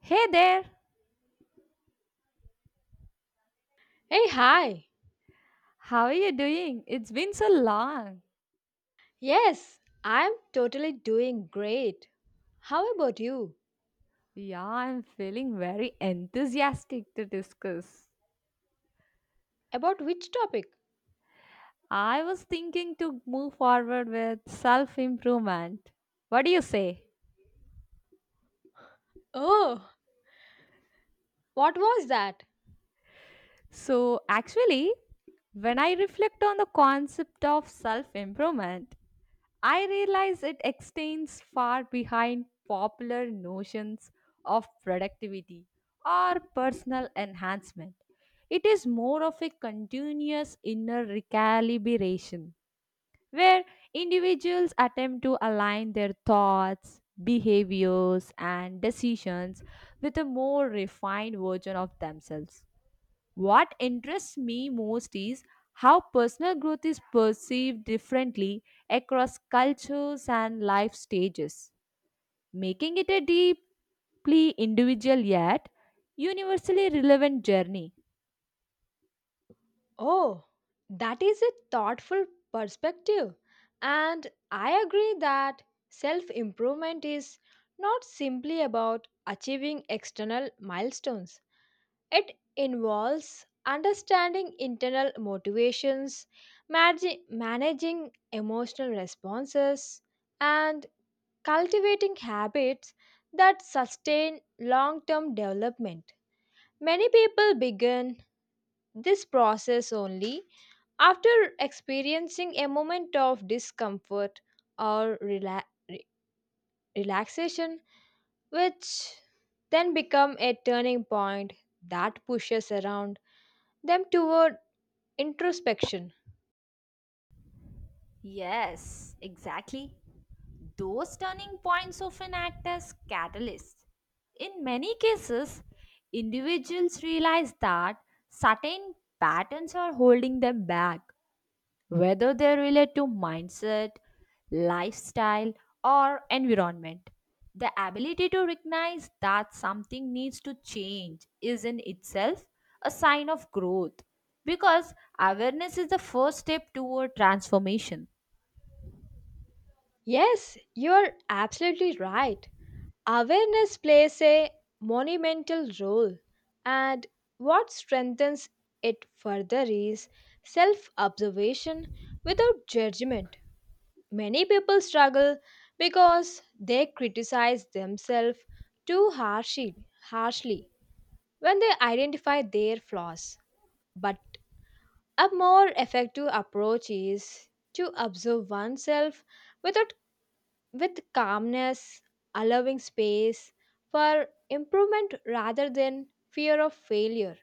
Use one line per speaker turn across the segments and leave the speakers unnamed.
Hey there,
Hey, hi.
how are you doing? It's been so long.
Yes, I'm totally doing great. How about you?
Yeah, I'm feeling very enthusiastic to discuss.
About which topic?
I was thinking to move forward with self improvement. What do you say?
Oh, what was that?
So, actually, when I reflect on the concept of self improvement, I realize it extends far behind popular notions of productivity or personal enhancement. It is more of a continuous inner recalibration where individuals attempt to align their thoughts, behaviors, and decisions with a more refined version of themselves. What interests me most is how personal growth is perceived differently across cultures and life stages, making it a deeply individual yet universally relevant journey.
Oh, that is a thoughtful perspective. And I agree that self improvement is not simply about achieving external milestones, it involves understanding internal motivations, managing emotional responses, and cultivating habits that sustain long term development. Many people begin this process only after experiencing a moment of discomfort or re- relaxation, which then become a turning point that pushes around them toward introspection.
Yes, exactly. Those turning points often act as catalysts. In many cases, individuals realize that certain patterns are holding them back whether they relate to mindset, lifestyle, or environment. The ability to recognize that something needs to change is in itself a sign of growth because awareness is the first step toward transformation.
Yes, you are absolutely right. Awareness plays a monumental role, and what strengthens it further is self observation without judgment. Many people struggle because they criticize themselves too harshly when they identify their flaws. But a more effective approach is to observe oneself without with calmness, allowing space for improvement rather than fear of failure.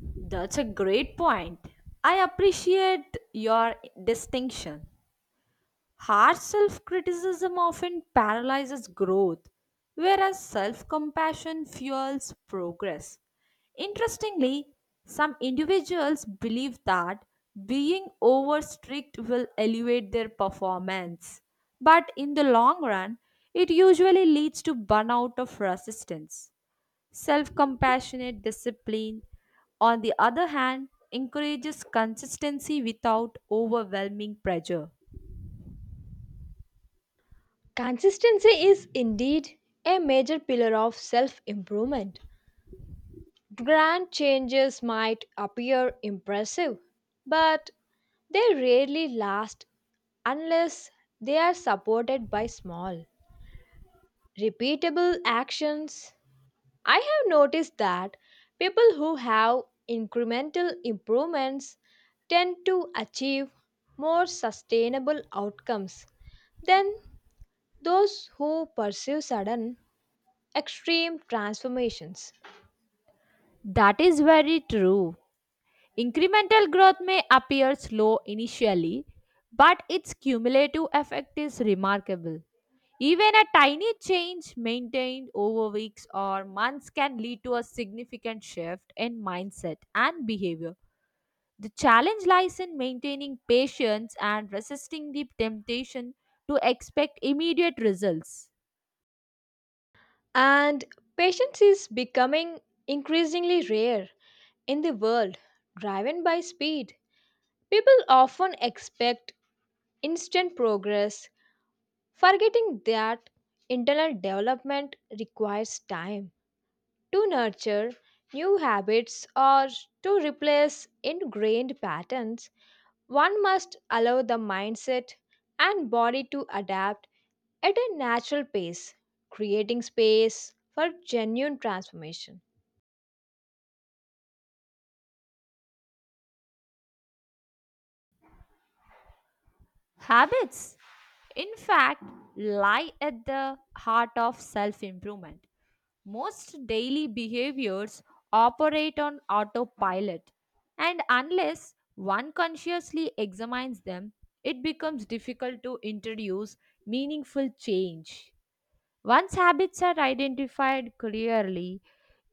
That's a great point. I appreciate your distinction. Harsh self criticism often paralyzes growth, whereas self compassion fuels progress. Interestingly, some individuals believe that being over strict will elevate their performance, but in the long run, it usually leads to burnout of resistance. Self compassionate discipline, on the other hand, encourages consistency without overwhelming pressure.
Consistency is indeed a major pillar of self improvement. Grand changes might appear impressive, but they rarely last unless they are supported by small, repeatable actions. I have noticed that people who have incremental improvements tend to achieve more sustainable outcomes than those who pursue sudden, extreme transformations.
That is very true. Incremental growth may appear slow initially, but its cumulative effect is remarkable. Even a tiny change maintained over weeks or months can lead to a significant shift in mindset and behavior. The challenge lies in maintaining patience and resisting the temptation to expect immediate results.
And patience is becoming increasingly rare in the world driven by speed. People often expect instant progress, forgetting that internal development requires time to nurture new habits or to replace ingrained patterns. One must allow the mindset and body to adapt at a natural pace, creating space for genuine transformation.
Habits, in fact, lie at the heart of self improvement. Most daily behaviors operate on autopilot, and unless one consciously examines them, it becomes difficult to introduce meaningful change. Once habits are identified clearly,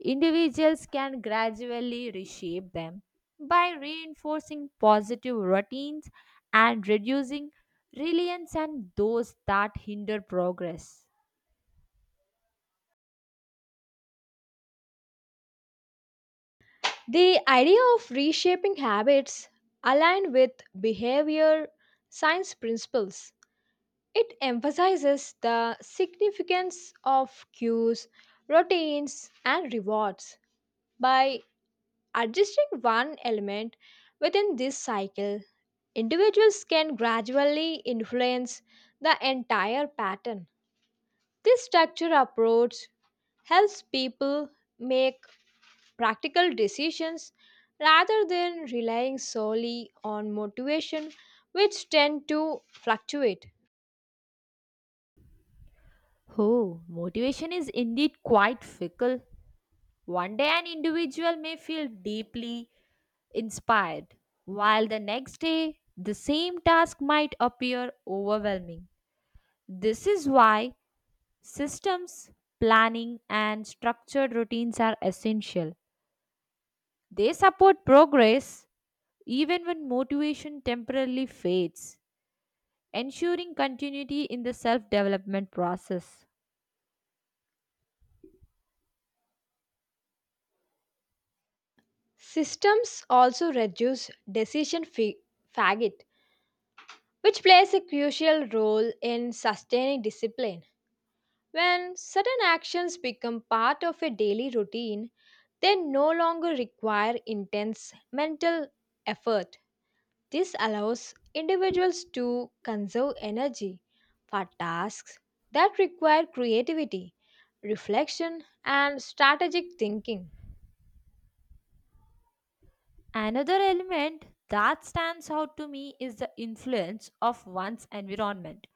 individuals can gradually reshape them by reinforcing positive routines and reducing reliance on those that hinder progress.
The idea of reshaping habits aligned with behavior science principles. It emphasizes the significance of cues, routines, and rewards by adjusting one element within this cycle, individuals can gradually influence the entire pattern. This structure approach helps people make practical decisions rather than relying solely on motivation, which tend to fluctuate.
Oh, motivation is indeed quite fickle. One day, an individual may feel deeply inspired, while the next day, the same task might appear overwhelming. This is why systems, planning, and structured routines are essential. They support progress even when motivation temporarily fades, ensuring continuity in the self development process.
Systems also reduce fatigue, which plays a crucial role in sustaining discipline. When certain actions become part of a daily routine, they no longer require intense mental effort. This allows individuals to conserve energy for tasks that require creativity, reflection, and strategic thinking.
Another element that stands out to me is the influence of one's environment.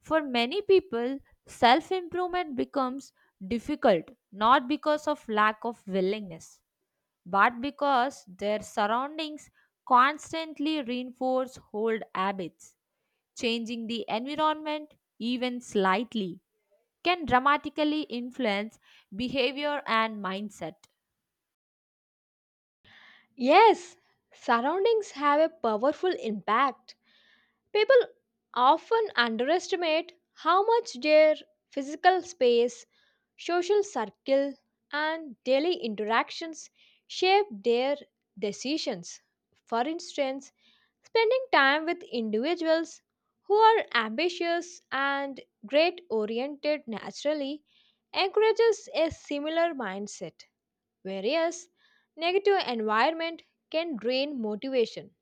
For many people, self improvement becomes difficult not because of lack of willingness but because their surroundings constantly reinforce old habits. Changing the environment, even slightly, can dramatically influence behavior and mindset.
Yes, surroundings have a powerful impact. People often underestimate how much their physical space, social circle, and daily interactions shape their decisions. For instance, spending time with individuals who are ambitious and great oriented naturally encourages a similar mindset, whereas negative environment can drain motivation.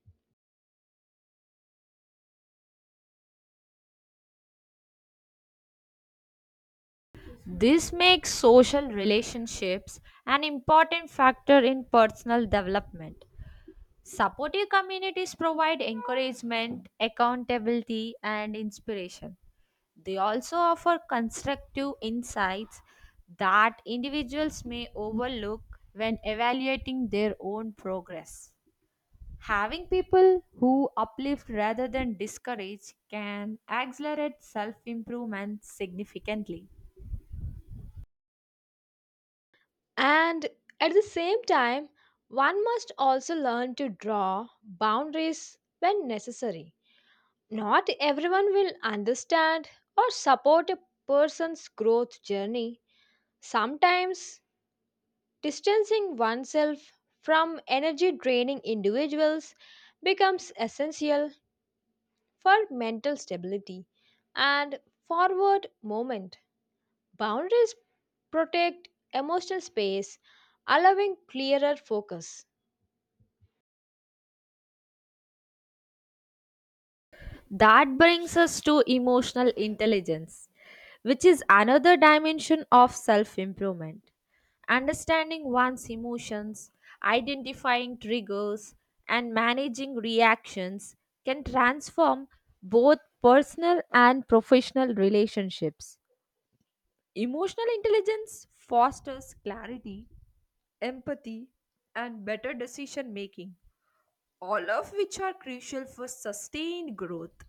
This makes social relationships an important factor in personal development. Supportive communities provide encouragement, accountability, and inspiration. They also offer constructive insights that individuals may overlook when evaluating their own progress. Having people who uplift rather than discourage can accelerate self improvement significantly.
And at the same time, one must also learn to draw boundaries when necessary. Not everyone will understand or support a person's growth journey. Sometimes, distancing oneself from energy draining individuals becomes essential for mental stability and forward movement. Boundaries protect emotional space, allowing clearer focus.
That brings us to emotional intelligence, which is another dimension of self improvement. Understanding one's emotions, identifying triggers, and managing reactions can transform both personal and professional relationships. Emotional intelligence fosters clarity, empathy, and better decision making, all of which are crucial for sustained growth.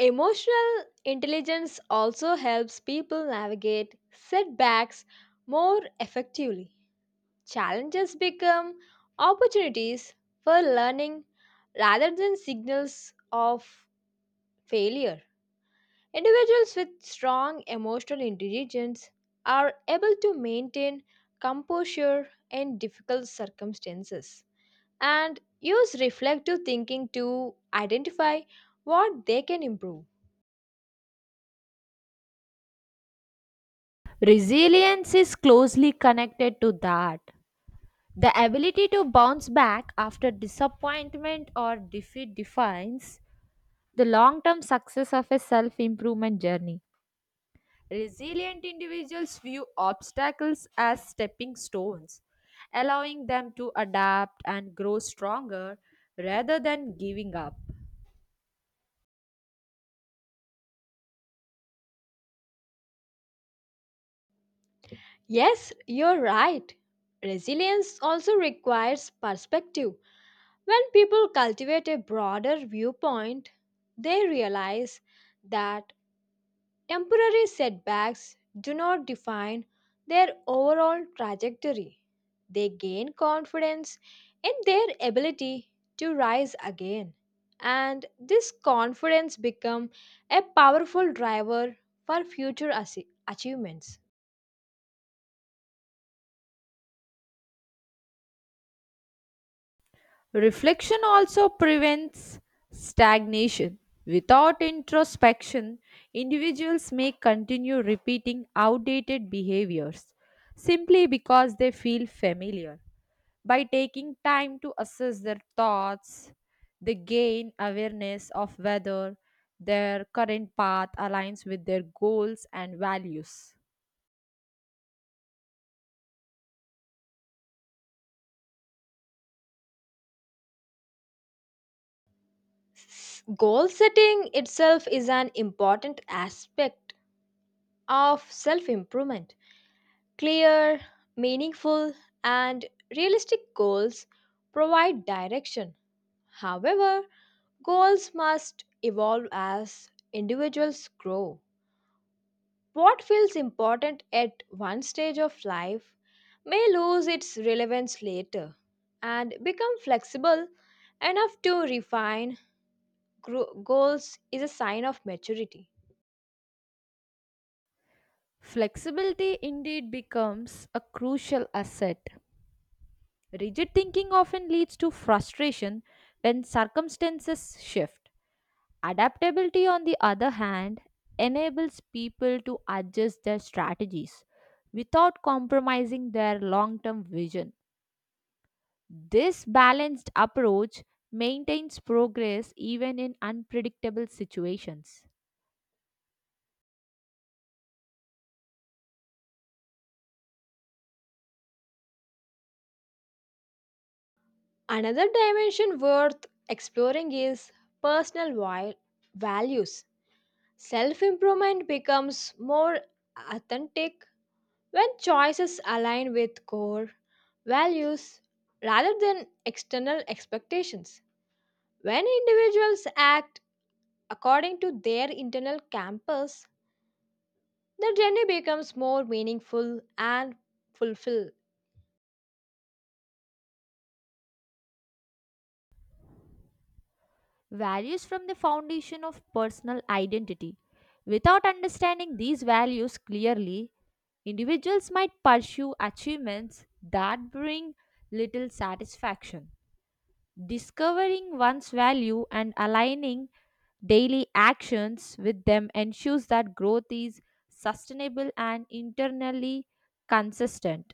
Emotional intelligence also helps people navigate setbacks more effectively. Challenges become opportunities for learning rather than signals of failure. Individuals with strong emotional intelligence are able to maintain composure in difficult circumstances and use reflective thinking to identify what they can improve.
Resilience is closely connected to that. The ability to bounce back after disappointment or defeat defines the long term success of a self improvement journey. Resilient individuals view obstacles as stepping stones, allowing them to adapt and grow stronger rather than giving up.
Yes, you're right. Resilience also requires perspective. When people cultivate a broader viewpoint, they realize that temporary setbacks do not define their overall trajectory. They gain confidence in their ability to rise again. And this confidence becomes a powerful driver for achievements.
Reflection also prevents stagnation. Without introspection, individuals may continue repeating outdated behaviors simply because they feel familiar. By taking time to assess their thoughts, they gain awareness of whether their current path aligns with their goals and values.
Goal setting itself is an important aspect of self improvement. Clear, meaningful, and realistic goals provide direction. However, goals must evolve as individuals grow. What feels important at one stage of life may lose its relevance later and become flexible enough to goals is a sign of maturity.
Flexibility indeed becomes a crucial asset. Rigid thinking often leads to frustration when circumstances shift. Adaptability, on the other hand, enables people to adjust their strategies without compromising their long term vision. This balanced approach maintains progress even in unpredictable situations.
Another dimension worth exploring is personal wi- values. Self improvement becomes more authentic when choices align with core values rather than external expectations. When individuals act according to their internal compass, their journey becomes more meaningful and fulfilling.
Values from the foundation of personal identity. Without understanding these values clearly, individuals might pursue achievements that bring little satisfaction. Discovering one's value and aligning daily actions with them ensures that growth is sustainable and internally consistent.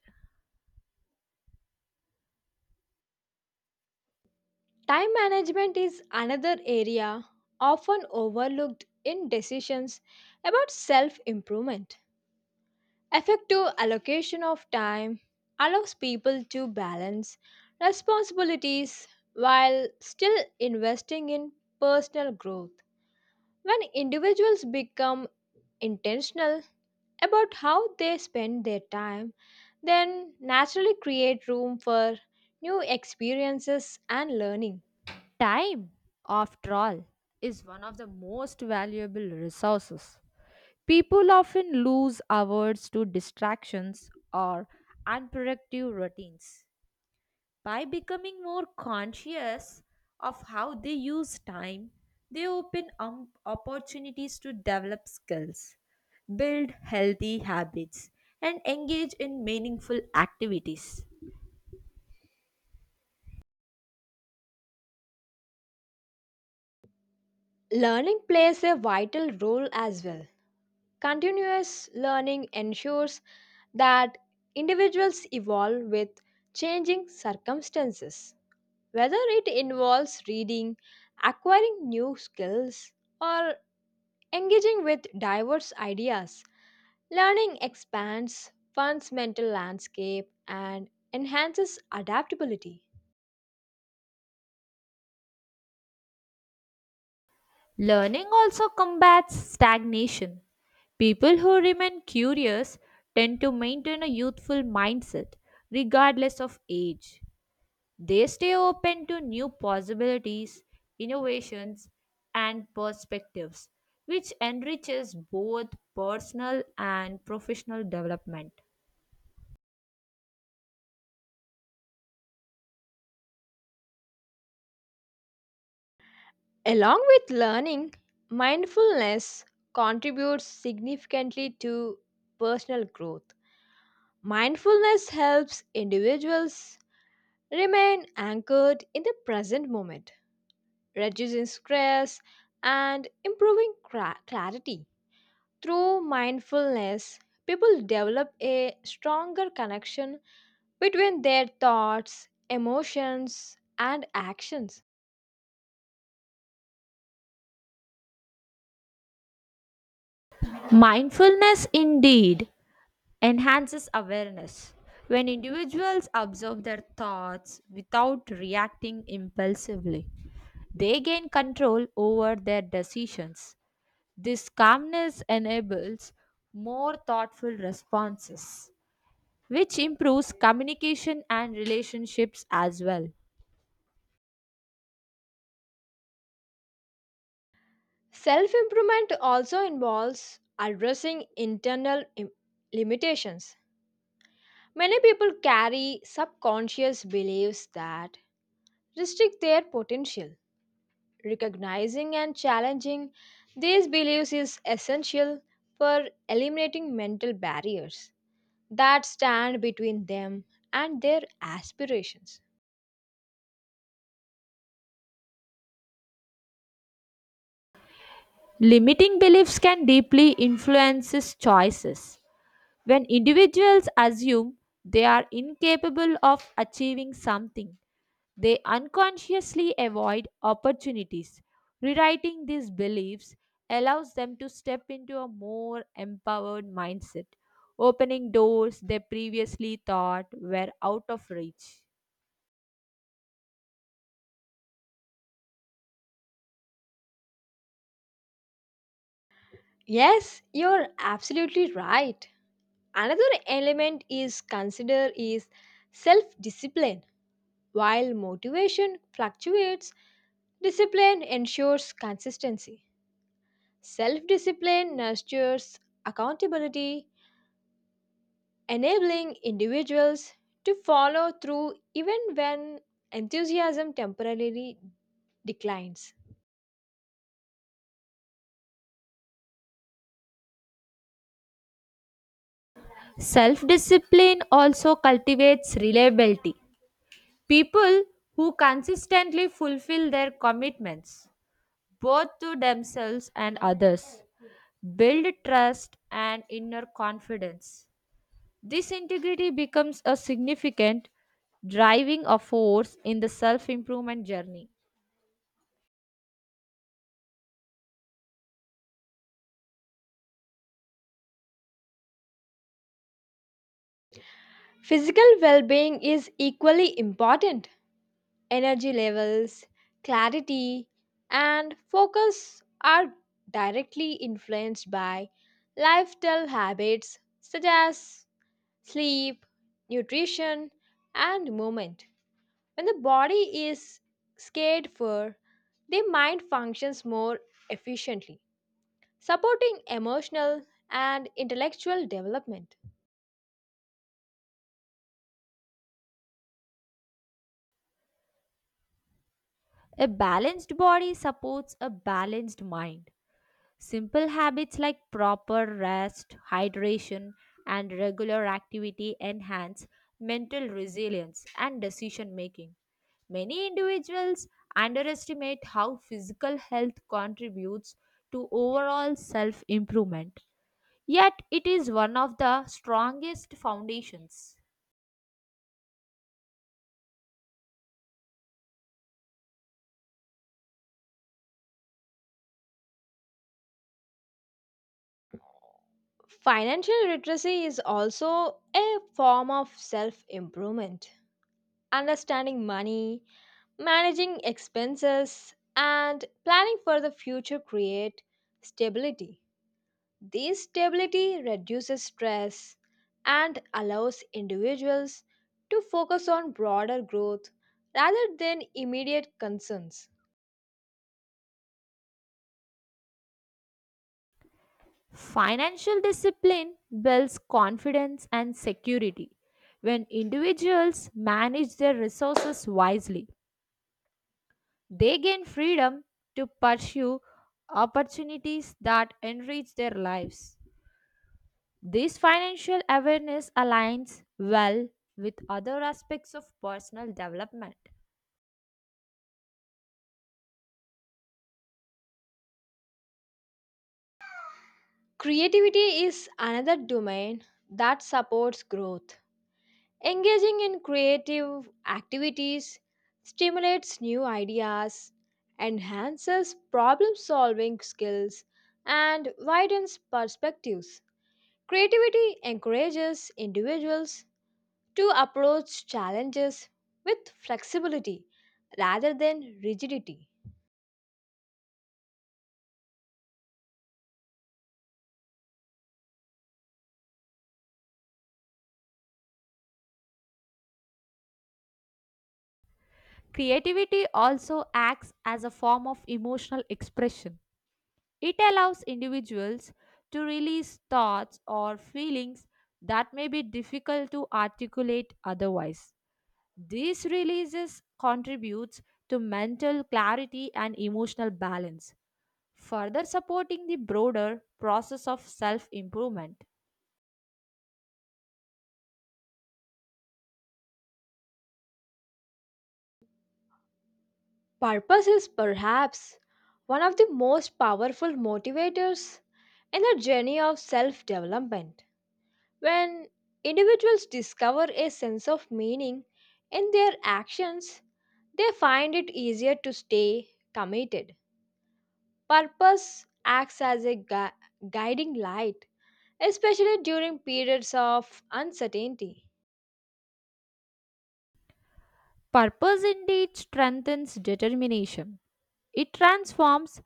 Time management is another area often overlooked in decisions about self improvement. Effective allocation of time allows people to balance responsibilities while still investing in personal growth. When individuals become intentional about how they spend their time, then naturally create room for new experiences and learning.
Time, after all, is one of the most valuable resources. People often lose hours to distractions or unproductive routines. By becoming more conscious of how they use time, they open opportunities to develop skills, build healthy habits, and engage in meaningful activities.
Learning plays a vital role as well. Continuous learning ensures that individuals evolve with changing circumstances. Whether it involves reading, acquiring new skills, or engaging with diverse ideas, learning expands one's mental landscape and enhances adaptability.
Learning also combats stagnation. People who remain curious tend to maintain a youthful mindset regardless of age. They stay open to new possibilities, innovations, and perspectives, which enriches both personal and professional development.
Along with learning, mindfulness contributes significantly to personal growth. Mindfulness helps individuals remain anchored in the present moment, reducing stress and clarity. Through mindfulness, people develop a stronger connection between their thoughts, emotions, and actions.
Mindfulness indeed enhances awareness. When individuals observe their thoughts without reacting impulsively, they gain control over their decisions. This calmness enables more thoughtful responses, which improves communication and relationships as well.
Self improvement also involves addressing limitations. Many people carry subconscious beliefs that restrict their potential. Recognizing and challenging these beliefs is essential for eliminating mental barriers that stand between them and their aspirations.
Limiting beliefs can deeply influence choices. When individuals assume they are incapable of achieving something, they unconsciously avoid opportunities. Rewriting these beliefs allows them to step into a more empowered mindset, opening doors they previously thought were out of reach.
Yes, you're absolutely right. Another element is consider is self discipline. While motivation fluctuates, discipline ensures consistency. Self discipline nurtures accountability, enabling individuals to follow through even when enthusiasm temporarily declines.
Self discipline also cultivates reliability. People who consistently fulfill their commitments, both to themselves and others, build trust and inner confidence. This integrity becomes a significant driving a force in the self improvement journey.
Physical well being is equally important. Energy levels, clarity, and focus are directly influenced by lifestyle habits such as sleep, nutrition, and movement. When the body is cared for, the mind functions more efficiently, supporting emotional and intellectual development.
A balanced body supports a balanced mind. Simple habits like proper rest, hydration, and regular activity enhance mental resilience and decision making. Many individuals underestimate how physical health contributes to overall self improvement, yet, it is one of the strongest foundations.
Financial literacy is also a form of self improvement. Understanding money, managing expenses, and planning for the future create stability. This stability reduces stress and allows individuals to focus on broader growth rather than immediate concerns.
Financial discipline builds confidence and security when individuals manage their resources wisely. They gain freedom to pursue opportunities that enrich their lives. This financial awareness aligns well with other aspects of personal development.
Creativity is another domain that supports growth. Engaging in creative activities stimulates new ideas, enhances problem solving skills, and widens perspectives. Creativity encourages individuals to approach challenges with flexibility rather than rigidity.
Creativity also acts as a form of emotional expression. It allows individuals to release thoughts or feelings that may be difficult to articulate otherwise. These releases contributes to mental clarity and emotional balance, further supporting the broader process of self-improvement.
Purpose is perhaps one of the most powerful motivators in the journey of self development. When individuals discover a sense of meaning in their actions, they find it easier to stay committed. Purpose acts as a guiding light, especially during periods of uncertainty.
Purpose indeed strengthens determination. It transforms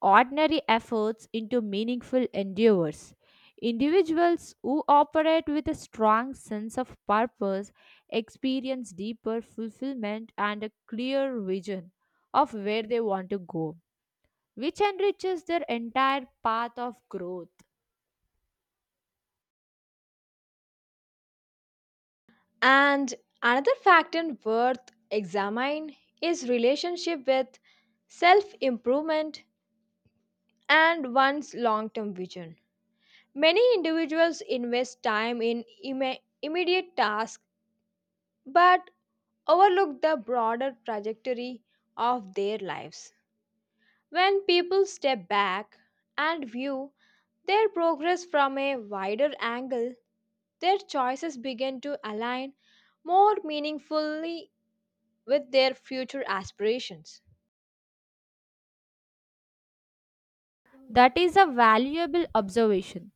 ordinary efforts into meaningful endeavors. Individuals who operate with a strong sense of purpose experience deeper fulfillment and a clear vision of where they want to go, which enriches their entire path of growth.
And another factor worth examine is relationship with self-improvement and one's long-term vision. Many individuals invest time in immediate tasks but overlook the broader trajectory of their lives. When people step back and view their progress from a wider angle, their choices begin to align more meaningfully with their future aspirations.
That is a valuable observation.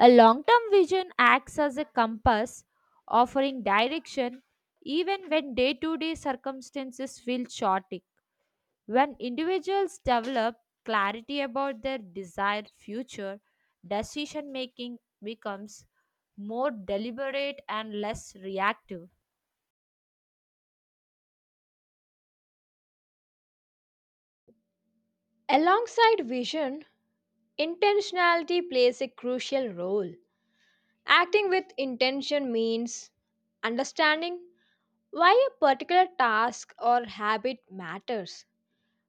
A long term vision acts as a compass, offering direction even when day to day circumstances feel chaotic. When individuals develop clarity about their desired future, decision making becomes more deliberate and less reactive.
Alongside vision, intentionality plays a crucial role. Acting with intention means understanding why a particular task or habit matters.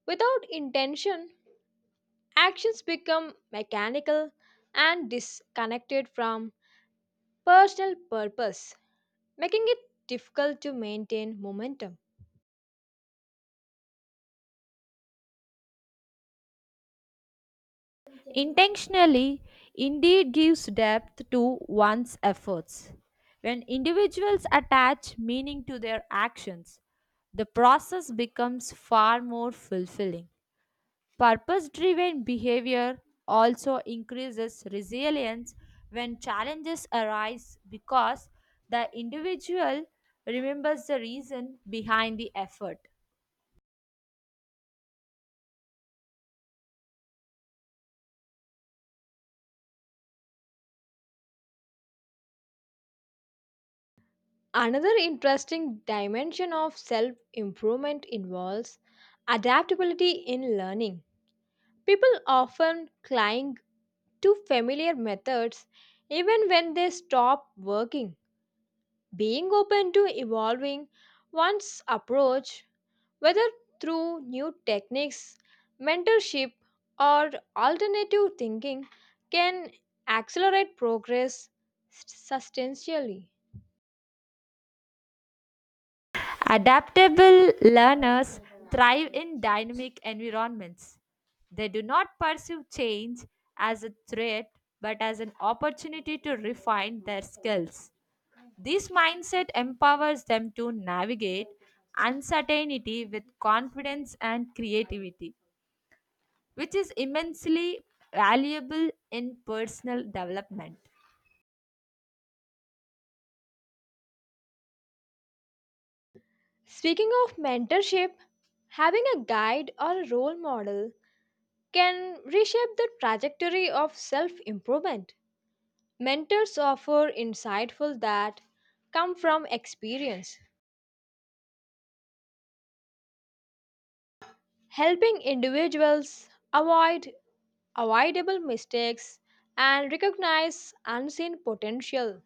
Without intention, actions become mechanical and disconnected from personal purpose, making it difficult to maintain momentum.
Intentionally indeed gives depth to one's efforts. When individuals attach meaning to their actions, the process becomes far more fulfilling. Purpose driven behavior also increases resilience when challenges arise because the individual remembers the reason behind the effort.
Another interesting dimension of self improvement involves adaptability in learning. People often cling to familiar methods even when they stop working. Being open to evolving one's approach, whether through new techniques, mentorship, or alternative thinking, can accelerate progress substantially.
Adaptable learners thrive in dynamic environments. They do not perceive change as a threat but as an opportunity to refine their skills. This mindset empowers them to navigate uncertainty with confidence and creativity, which is immensely valuable in personal development.
Speaking of mentorship, having a guide or a role model can reshape the trajectory of self improvement. Mentors offer insightful that come from experience, helping individuals avoid avoidable mistakes and recognize unseen potential.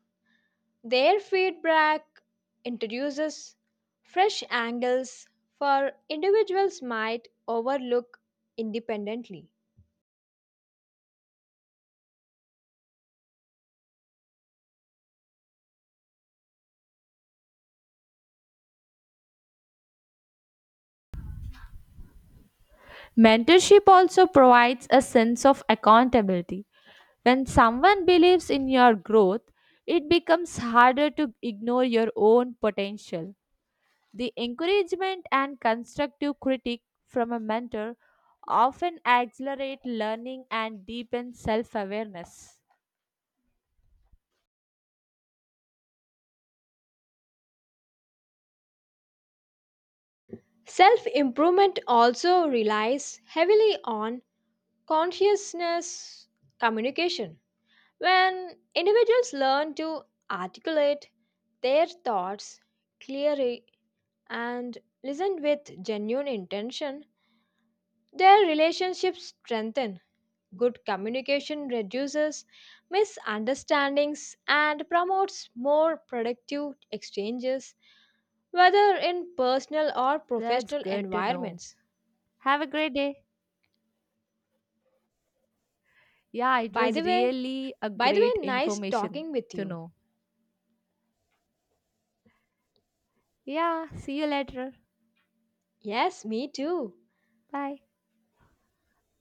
Their feedback introduces fresh angles for individuals might overlook independently.
Mentorship also provides a sense of accountability. When someone believes in your growth, it becomes harder to ignore your own potential. The encouragement and constructive critique from a mentor often accelerate learning and deepen self awareness.
Self improvement also relies heavily on consciousness communication. When individuals learn to articulate their thoughts clearly and listen with genuine intention, their relationships strengthen. Good communication reduces misunderstandings and promotes more productive exchanges, whether in personal or
That's
professional
good to know.
environments.
Have a great day. Yeah, it
By
was
the way,
really a
By the
great
way, nice
information
talking with
to
you.
know. Yeah, see you later.
Yes, me too.
Bye.